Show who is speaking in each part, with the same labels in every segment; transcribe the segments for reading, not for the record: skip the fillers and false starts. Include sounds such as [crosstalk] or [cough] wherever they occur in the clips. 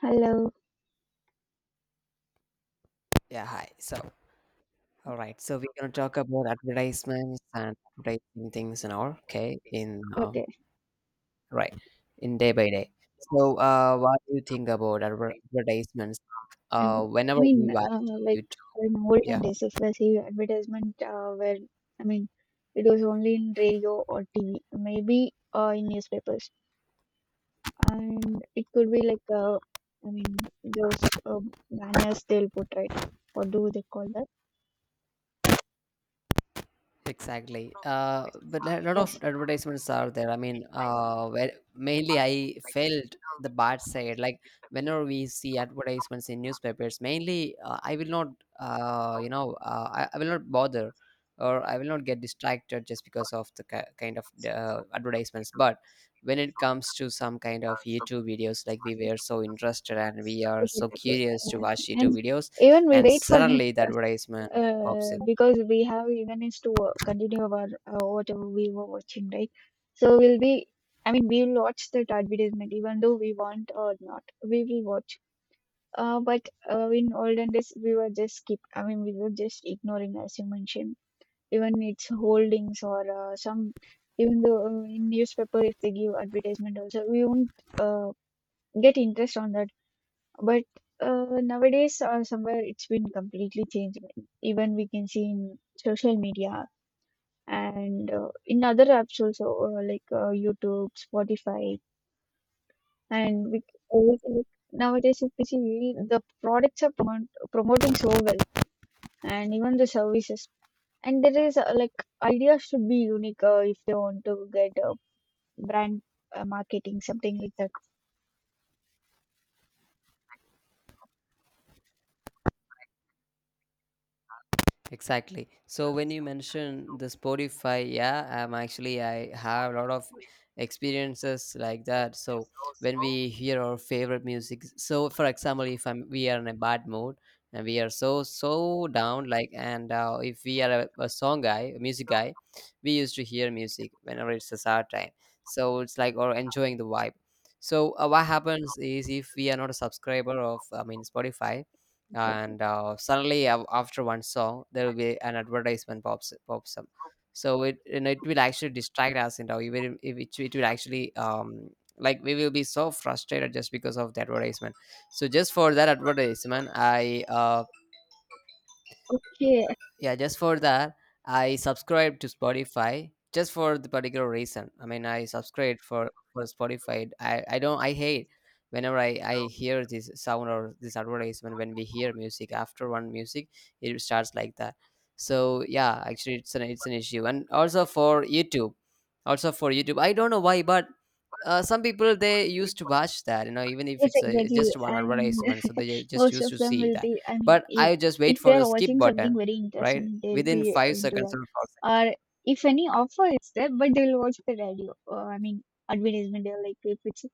Speaker 1: Hello.
Speaker 2: Yeah, hi. All right. So we're gonna talk about advertisements and advertising things and all. Okay,
Speaker 1: Okay.
Speaker 2: right, in day by day. So, what do you think about advertisements?
Speaker 1: And I
Speaker 2: Whenever we
Speaker 1: mean,
Speaker 2: watch
Speaker 1: uh, like
Speaker 2: YouTube,
Speaker 1: in olden
Speaker 2: yeah.
Speaker 1: days, if I see advertisement, I mean, it was only in radio or TV, maybe in newspapers, and it could be like those banners they'll put, right, or do they call that?
Speaker 2: Exactly. But a lot of
Speaker 1: Yes.
Speaker 2: advertisements are there. Where mainly I felt the bad side. Like whenever we see advertisements in newspapers, mainly I will not, I will not bother or I will not get distracted just because of the kind of advertisements. But when it comes to some kind of YouTube videos, like we were so interested and we are
Speaker 1: Yes,
Speaker 2: so
Speaker 1: exactly.
Speaker 2: curious to
Speaker 1: Uh,
Speaker 2: watch YouTube
Speaker 1: and
Speaker 2: videos,
Speaker 1: even we
Speaker 2: and
Speaker 1: wait for it.
Speaker 2: suddenly the advertisement pops in.
Speaker 1: Because we have even is to continue our whatever we were watching, right? So we'll be, I mean, we'll watch that advertisement even though we want or not, we will watch. But In olden days, we were just keep, I mean, we were just ignoring as you mentioned, even its holdings or some, even though in newspaper if they give advertisement also, we won't uh, get interest on that. But nowadays, somewhere it's been completely changed. Even we can see in social media and in other apps also, YouTube, Spotify, and we always like nowadays if we see the products are promoting so well, and even the services. And there is like ideas should be unique if they want to get brand marketing, something like that.
Speaker 2: Exactly. So when you mention the Spotify, yeah, I have a lot of experiences like that. So when we hear our favorite music, so for example, if I'm we are in a bad mood and we are so down, like and if we are a song guy, a music guy, we used to hear music whenever it's a sad time. So it's like or enjoying the vibe. So what happens is if we are not a subscriber of I mean Spotify,
Speaker 1: Exactly.
Speaker 2: and suddenly after one song there will be an advertisement pops up. So it will actually distract us, and you know even if it, it will actually like we will be so frustrated just because of the advertisement. So just for that advertisement I,
Speaker 1: Okay,
Speaker 2: yeah, just for that I subscribe to Spotify. Just for the particular reason, I mean, I subscribe for Spotify. I don't, I hate whenever I hear this sound or this advertisement. When we hear music, after one music it starts like that. So yeah, actually it's an issue. And also for YouTube, also for YouTube, I don't know why, but some people they used to watch that, you know, even if
Speaker 1: yes,
Speaker 2: it's
Speaker 1: exactly.
Speaker 2: just one
Speaker 1: And
Speaker 2: advertisement, so they just
Speaker 1: Most
Speaker 2: used
Speaker 1: of
Speaker 2: to
Speaker 1: them
Speaker 2: see
Speaker 1: will
Speaker 2: that.
Speaker 1: be, I mean,
Speaker 2: But I just wait
Speaker 1: if
Speaker 2: for the
Speaker 1: they're
Speaker 2: skip
Speaker 1: watching something
Speaker 2: button
Speaker 1: very
Speaker 2: right
Speaker 1: interesting, they'll
Speaker 2: within
Speaker 1: be
Speaker 2: five
Speaker 1: into
Speaker 2: seconds or
Speaker 1: that.
Speaker 2: 4 seconds.
Speaker 1: Or if any offer is there, but they'll watch the radio. I mean, advertisement, they're like, if it's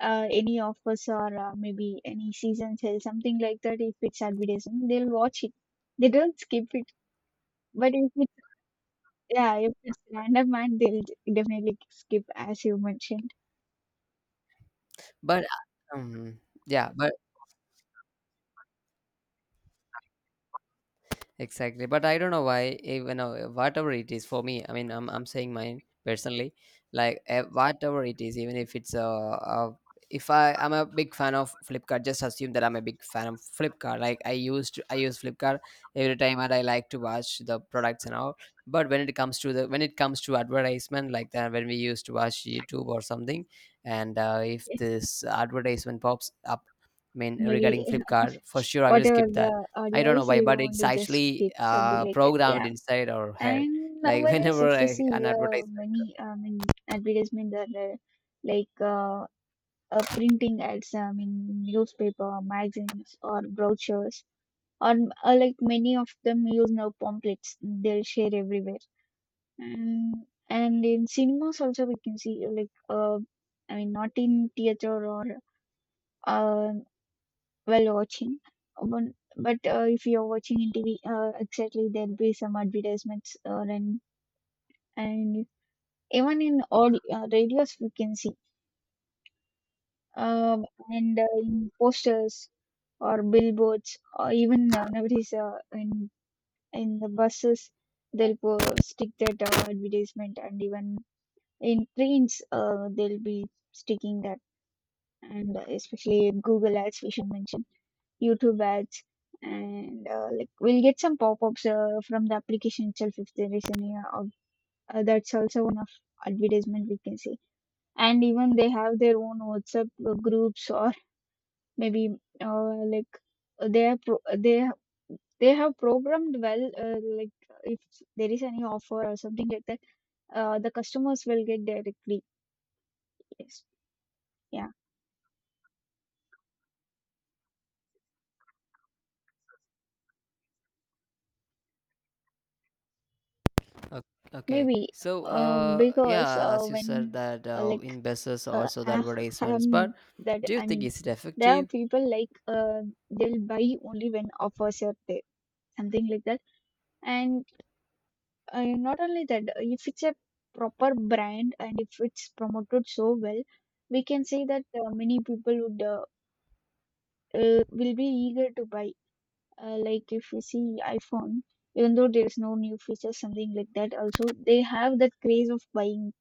Speaker 1: any offers or maybe any season sale, something like that, if it's advertisement, they'll watch it. They don't skip it. But if it's, yeah, if it's random and they'll definitely skip, as you mentioned.
Speaker 2: But um, yeah but exactly, but I don't know why. Even whatever it is for me, I mean, I'm saying mine personally, like whatever it is, even if it's a if I'm a big fan of Flipkart, just assume that I'm a big fan of Flipkart. Like I used to, I use Flipkart every time, and I like to watch the products and all. But when it comes to advertisement like that, when we used to watch YouTube or something, and if
Speaker 1: If
Speaker 2: this advertisement pops up, I mean
Speaker 1: Maybe
Speaker 2: regarding
Speaker 1: [laughs]
Speaker 2: Flipkart, for sure I will
Speaker 1: whatever
Speaker 2: skip that.
Speaker 1: the
Speaker 2: I
Speaker 1: audio
Speaker 2: don't know
Speaker 1: is,
Speaker 2: why,
Speaker 1: you
Speaker 2: but
Speaker 1: don't want
Speaker 2: it's
Speaker 1: to just
Speaker 2: actually
Speaker 1: skip something like that.
Speaker 2: programmed
Speaker 1: Yeah.
Speaker 2: inside our head. [laughs]
Speaker 1: And
Speaker 2: Like
Speaker 1: nowadays, if
Speaker 2: whenever
Speaker 1: we
Speaker 2: I,
Speaker 1: see
Speaker 2: an advertisement.
Speaker 1: many, advertisement that are like uh, printing ads, I mean, newspaper, magazines, or brochures, or like many of them use now pamphlets. They'll share everywhere, and and in cinemas also we can see like I mean, not in theater or uh, while watching, but but if you're watching in TV, exactly there'll be some advertisements or an and even in audio, radios we can see, uh, and in posters or billboards or even nowadays in the buses they'll stick that advertisement, and even in trains they'll be sticking that. And especially Google ads we should mention, YouTube ads. And like we'll get some pop-ups from the application itself if there is any that's also one of advertisement we can see. And even they have their own WhatsApp groups or maybe uh, like they are pro- they ha- they have programmed well like if there is any offer or something like that, the customers will get directly. Yes. Yeah.
Speaker 2: O- Okay,
Speaker 1: Maybe
Speaker 2: so
Speaker 1: because
Speaker 2: yeah, as you said
Speaker 1: when
Speaker 2: that
Speaker 1: uh, like
Speaker 2: in business also the
Speaker 1: I
Speaker 2: advertisements, but
Speaker 1: am that
Speaker 2: do you
Speaker 1: I
Speaker 2: think
Speaker 1: mean
Speaker 2: is it
Speaker 1: there are
Speaker 2: effective?
Speaker 1: people like they'll buy only when offers are there, something like that. And not only that, if it's a proper brand and if it's promoted so well, we can say that many people would will be eager to buy. Like if we see iPhone, even though there is no new feature, something like that, also they have that craze of buying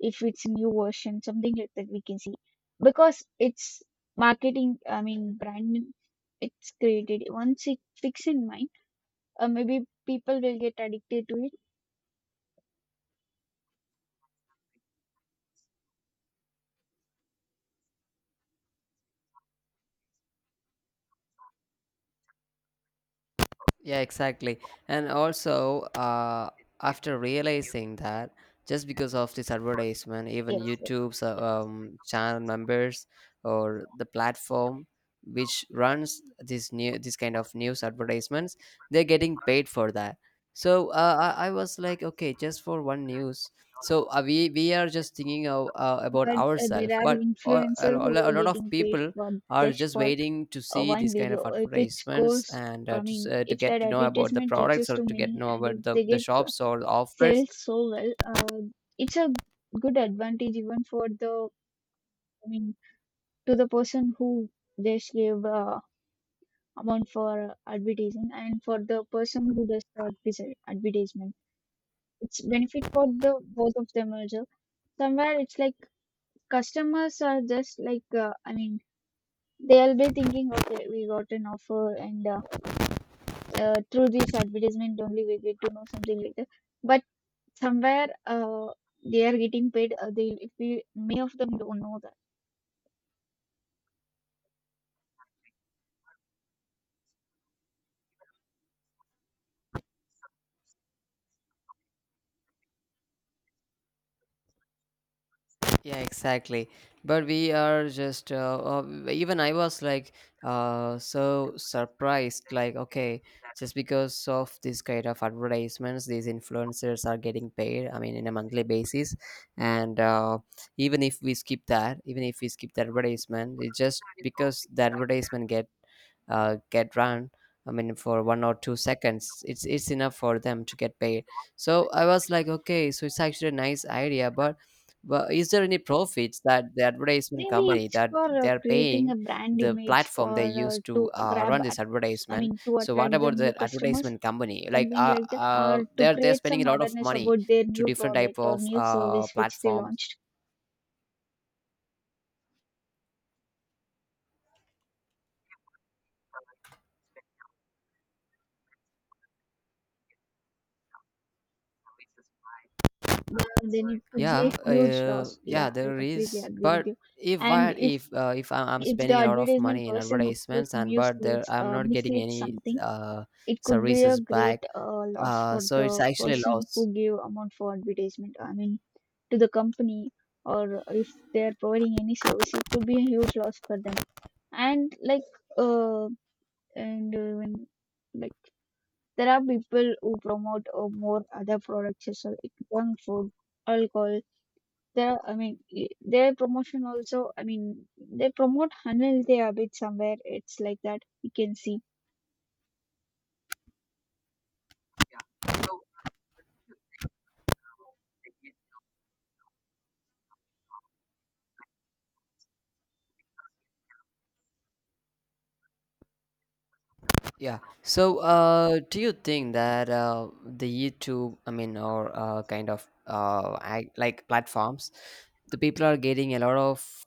Speaker 1: if it's new version, something like that we can see, because it's marketing. I mean, brand it's created once it fixed in mind, maybe people will get addicted to it.
Speaker 2: Yeah, exactly. And also, after realizing that, just because of this advertisement, even
Speaker 1: Yes, yes.
Speaker 2: YouTube's channel members or the platform which runs this new this kind of news advertisements, they're getting paid for that. So I was like, okay, just for one news. So we are just thinking of, about
Speaker 1: But
Speaker 2: ourselves,
Speaker 1: there are
Speaker 2: but
Speaker 1: influencers who
Speaker 2: a
Speaker 1: are
Speaker 2: lot of
Speaker 1: getting paid
Speaker 2: people
Speaker 1: for
Speaker 2: are
Speaker 1: just
Speaker 2: just
Speaker 1: for
Speaker 2: waiting to see
Speaker 1: one
Speaker 2: these kind
Speaker 1: video.
Speaker 2: of
Speaker 1: If it
Speaker 2: advertisements
Speaker 1: goes,
Speaker 2: and
Speaker 1: I mean,
Speaker 2: to
Speaker 1: if
Speaker 2: get
Speaker 1: that
Speaker 2: to know about the
Speaker 1: advertisement
Speaker 2: products
Speaker 1: reaches
Speaker 2: or
Speaker 1: to
Speaker 2: to get to
Speaker 1: many
Speaker 2: know
Speaker 1: and if
Speaker 2: about
Speaker 1: they
Speaker 2: the
Speaker 1: get
Speaker 2: shops or the offers.
Speaker 1: sales so well, it's a good advantage even for the, I mean, to the person who just gave amount for advertising, and for the person who does the advertisement. It's benefit for the both of them also. Somewhere it's like customers are just like I mean they'll be thinking, okay, we got an offer, and through this advertisement only we get to know something like that. But somewhere they are getting paid. They, if we, many of them don't know that.
Speaker 2: Yeah, exactly. But we are just, even I was like so surprised, like, okay, just because of this kind of advertisements, these influencers are getting paid, I mean, in a monthly basis. And even if we skip that, even if we skip the advertisement, it just because the advertisement get run, I mean for 1 or 2 seconds, it's enough for them to get paid. So I was like, okay, so it's actually a nice idea, but is there any profits that the advertisement
Speaker 1: Maybe
Speaker 2: company
Speaker 1: it's
Speaker 2: that
Speaker 1: for
Speaker 2: they're
Speaker 1: creating
Speaker 2: paying
Speaker 1: a brand
Speaker 2: the
Speaker 1: image
Speaker 2: platform they
Speaker 1: or
Speaker 2: use to
Speaker 1: to grab
Speaker 2: run this
Speaker 1: at, I
Speaker 2: advertisement?
Speaker 1: mean to
Speaker 2: So what
Speaker 1: attract the
Speaker 2: about
Speaker 1: new
Speaker 2: the
Speaker 1: customers,
Speaker 2: advertisement company? Like,
Speaker 1: something
Speaker 2: uh,
Speaker 1: like that,
Speaker 2: uh,
Speaker 1: or to
Speaker 2: they're they're
Speaker 1: create
Speaker 2: spending
Speaker 1: some
Speaker 2: a lot of
Speaker 1: awareness
Speaker 2: money
Speaker 1: about their
Speaker 2: to
Speaker 1: new
Speaker 2: different type
Speaker 1: product or
Speaker 2: of
Speaker 1: new service which they
Speaker 2: platforms.
Speaker 1: launched. Then it could be
Speaker 2: Yeah,
Speaker 1: a huge loss.
Speaker 2: yeah,
Speaker 1: Yeah, I
Speaker 2: there
Speaker 1: completely
Speaker 2: is.
Speaker 1: agree with
Speaker 2: But
Speaker 1: you.
Speaker 2: if
Speaker 1: And
Speaker 2: what if I'm
Speaker 1: if the
Speaker 2: spending a lot of
Speaker 1: advertisement
Speaker 2: money in
Speaker 1: person itself
Speaker 2: advertisements, and but there
Speaker 1: misleads,
Speaker 2: I'm not getting
Speaker 1: misleads
Speaker 2: any
Speaker 1: something, it could be a
Speaker 2: services back,
Speaker 1: great loss for
Speaker 2: so
Speaker 1: the
Speaker 2: it's actually a
Speaker 1: person who
Speaker 2: loss.
Speaker 1: gave amount for advertisement. I mean, to the company, or if they are providing any service, it could be a huge loss for them. And like, uh, and uh, when- like there are people who promote more other products, so like junk food, alcohol. There, I mean, their promotion also, I mean, they promote Hanil they a bit somewhere. It's like that. You can see.
Speaker 2: Yeah. So, do you think that the YouTube, I mean, or like platforms, the people are getting a lot of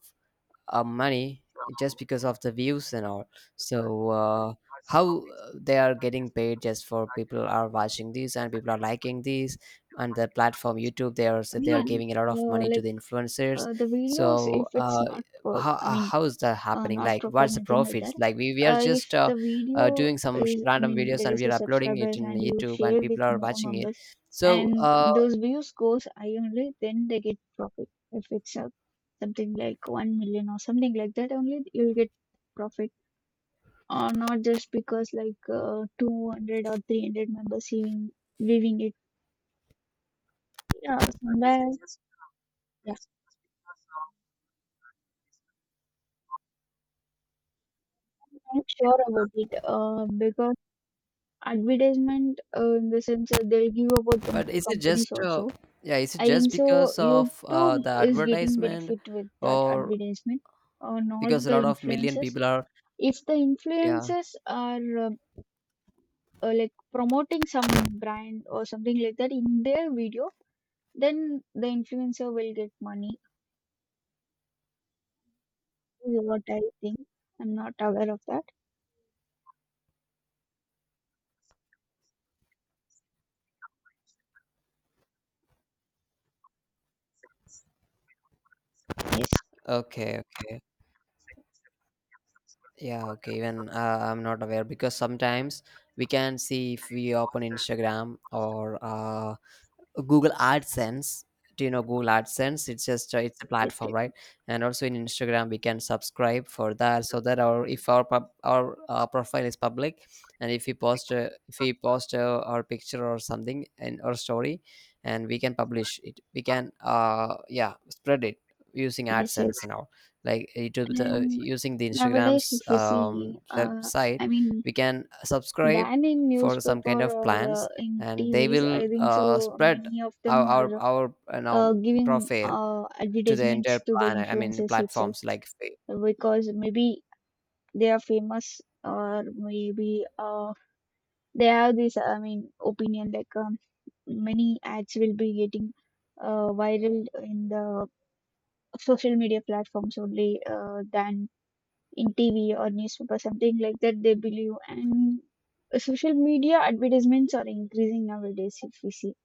Speaker 2: money just because of the views and all. So how they are getting paid just for people are watching these, and people are liking these, and the platform YouTube, they are
Speaker 1: I
Speaker 2: so they are
Speaker 1: mean,
Speaker 2: giving a lot of
Speaker 1: uh,
Speaker 2: money to
Speaker 1: like
Speaker 2: the influencers.
Speaker 1: the videos,
Speaker 2: So
Speaker 1: if it's not, pro I mean,
Speaker 2: how is that happening?
Speaker 1: not
Speaker 2: Like
Speaker 1: proper,
Speaker 2: what's the
Speaker 1: nothing like
Speaker 2: profits?
Speaker 1: that.
Speaker 2: Like we are just
Speaker 1: If the video
Speaker 2: doing some
Speaker 1: is, I
Speaker 2: random
Speaker 1: mean,
Speaker 2: videos
Speaker 1: there
Speaker 2: and
Speaker 1: is
Speaker 2: we
Speaker 1: the
Speaker 2: are uploading it
Speaker 1: subscribers
Speaker 2: in
Speaker 1: and you
Speaker 2: YouTube and
Speaker 1: share with
Speaker 2: people are
Speaker 1: more
Speaker 2: watching it.
Speaker 1: members,
Speaker 2: So
Speaker 1: and those views goes high only, then they get profit. If it's something like 1 million or something like that, only you'll get profit or not just because like 200 or 300 members viewing, viewing it. Yeah, somewhere. Yeah, I'm sure about it, because advertisement, in the sense that they'll give about the
Speaker 2: but
Speaker 1: more
Speaker 2: is it just
Speaker 1: companies also.
Speaker 2: yeah? Is it
Speaker 1: I
Speaker 2: just
Speaker 1: think so.
Speaker 2: because of
Speaker 1: YouTube
Speaker 2: the
Speaker 1: is getting
Speaker 2: advertisement,
Speaker 1: benefit with that
Speaker 2: or
Speaker 1: advertisement, not
Speaker 2: because a
Speaker 1: the
Speaker 2: lot of million
Speaker 1: influencers.
Speaker 2: people are,
Speaker 1: If the
Speaker 2: yeah?
Speaker 1: influencers are like promoting some brand or something like that in their video, then the influencer will get money, is what I think. I'm not aware of that. Yes,
Speaker 2: Okay, okay, yeah, okay. Even I'm not aware because sometimes we can see if we open Instagram or Google AdSense. Do you know Google AdSense? It's just it's a
Speaker 1: it,
Speaker 2: platform, right? And also in Instagram, we can subscribe for that, so that our if our pub, our profile is public, and if we post our picture or something in our story, and we can publish it, we can yeah spread it using
Speaker 1: yes,
Speaker 2: AdSense
Speaker 1: it's,
Speaker 2: and all. Like it will be
Speaker 1: and
Speaker 2: using the
Speaker 1: nowadays
Speaker 2: Instagram's
Speaker 1: if we see,
Speaker 2: website,
Speaker 1: I mean,
Speaker 2: we can subscribe
Speaker 1: than in
Speaker 2: for some
Speaker 1: newspaper
Speaker 2: kind of
Speaker 1: or
Speaker 2: plans
Speaker 1: in
Speaker 2: and they
Speaker 1: TVs, I
Speaker 2: will
Speaker 1: think so.
Speaker 2: spread
Speaker 1: Many of them
Speaker 2: our
Speaker 1: are
Speaker 2: our our you know
Speaker 1: giving
Speaker 2: profile to the entire
Speaker 1: advertisements to the
Speaker 2: planet. I mean
Speaker 1: influencers itself
Speaker 2: platforms like
Speaker 1: because maybe they are famous or maybe they have this. I mean, opinion like many ads will be getting viral in the social media platforms only than in TV or newspaper, something like that they believe. And social media advertisements are increasing nowadays if we see.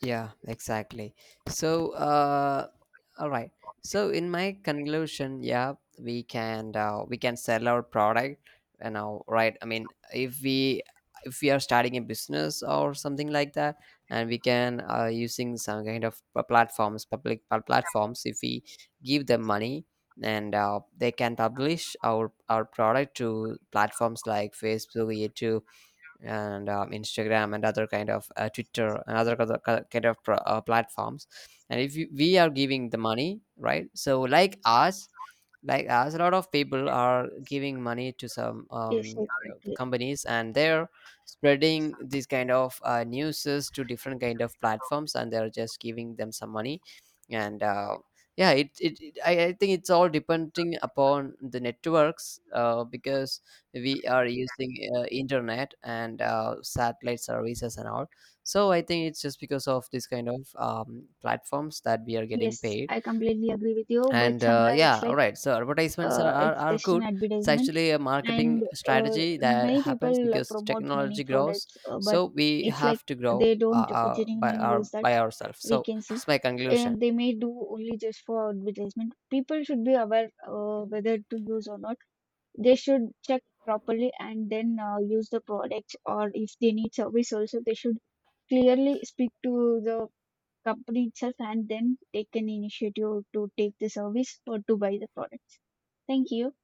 Speaker 2: yeah, exactly. So, all right. So, in my conclusion, yeah, we can sell our product. You know, right? I mean, if we are starting a business or something like that, and we can using some kind of platforms, public platforms, if we give them money and they can publish our product to platforms like Facebook, YouTube, and Instagram, and other kind of Twitter, and other kind of platforms. And if you, we are giving the money, right? So like us, like as a lot of people are giving money to some
Speaker 1: Yes, exactly.
Speaker 2: companies, and they're spreading these kind of newses to different kind of platforms, and they're just giving them some money. And I think it's all depending upon the networks, because we are using internet and satellite services and all. So I think it's just because of this kind of platforms that we are getting
Speaker 1: Yes,
Speaker 2: paid.
Speaker 1: I completely agree with you, but
Speaker 2: And
Speaker 1: somewhere
Speaker 2: yeah,
Speaker 1: it's
Speaker 2: all
Speaker 1: like
Speaker 2: right, so advertisements
Speaker 1: it's
Speaker 2: are
Speaker 1: just an
Speaker 2: good. It's
Speaker 1: advertisement,
Speaker 2: actually a marketing
Speaker 1: and
Speaker 2: strategy that
Speaker 1: many
Speaker 2: happens
Speaker 1: people
Speaker 2: because
Speaker 1: promote many
Speaker 2: technology grows,
Speaker 1: products, but
Speaker 2: so we
Speaker 1: it's like
Speaker 2: have to
Speaker 1: they
Speaker 2: grow
Speaker 1: don't
Speaker 2: by
Speaker 1: genuinely
Speaker 2: our
Speaker 1: use that,
Speaker 2: by ourselves.
Speaker 1: we
Speaker 2: So
Speaker 1: can see.
Speaker 2: it's my conclusion.
Speaker 1: And they may do only just for advertisement. People should be aware whether to use or not. They should check properly and then use the products, or if they need service also they should clearly speak to the company itself and then take an initiative to take the service or to buy the products. Thank you.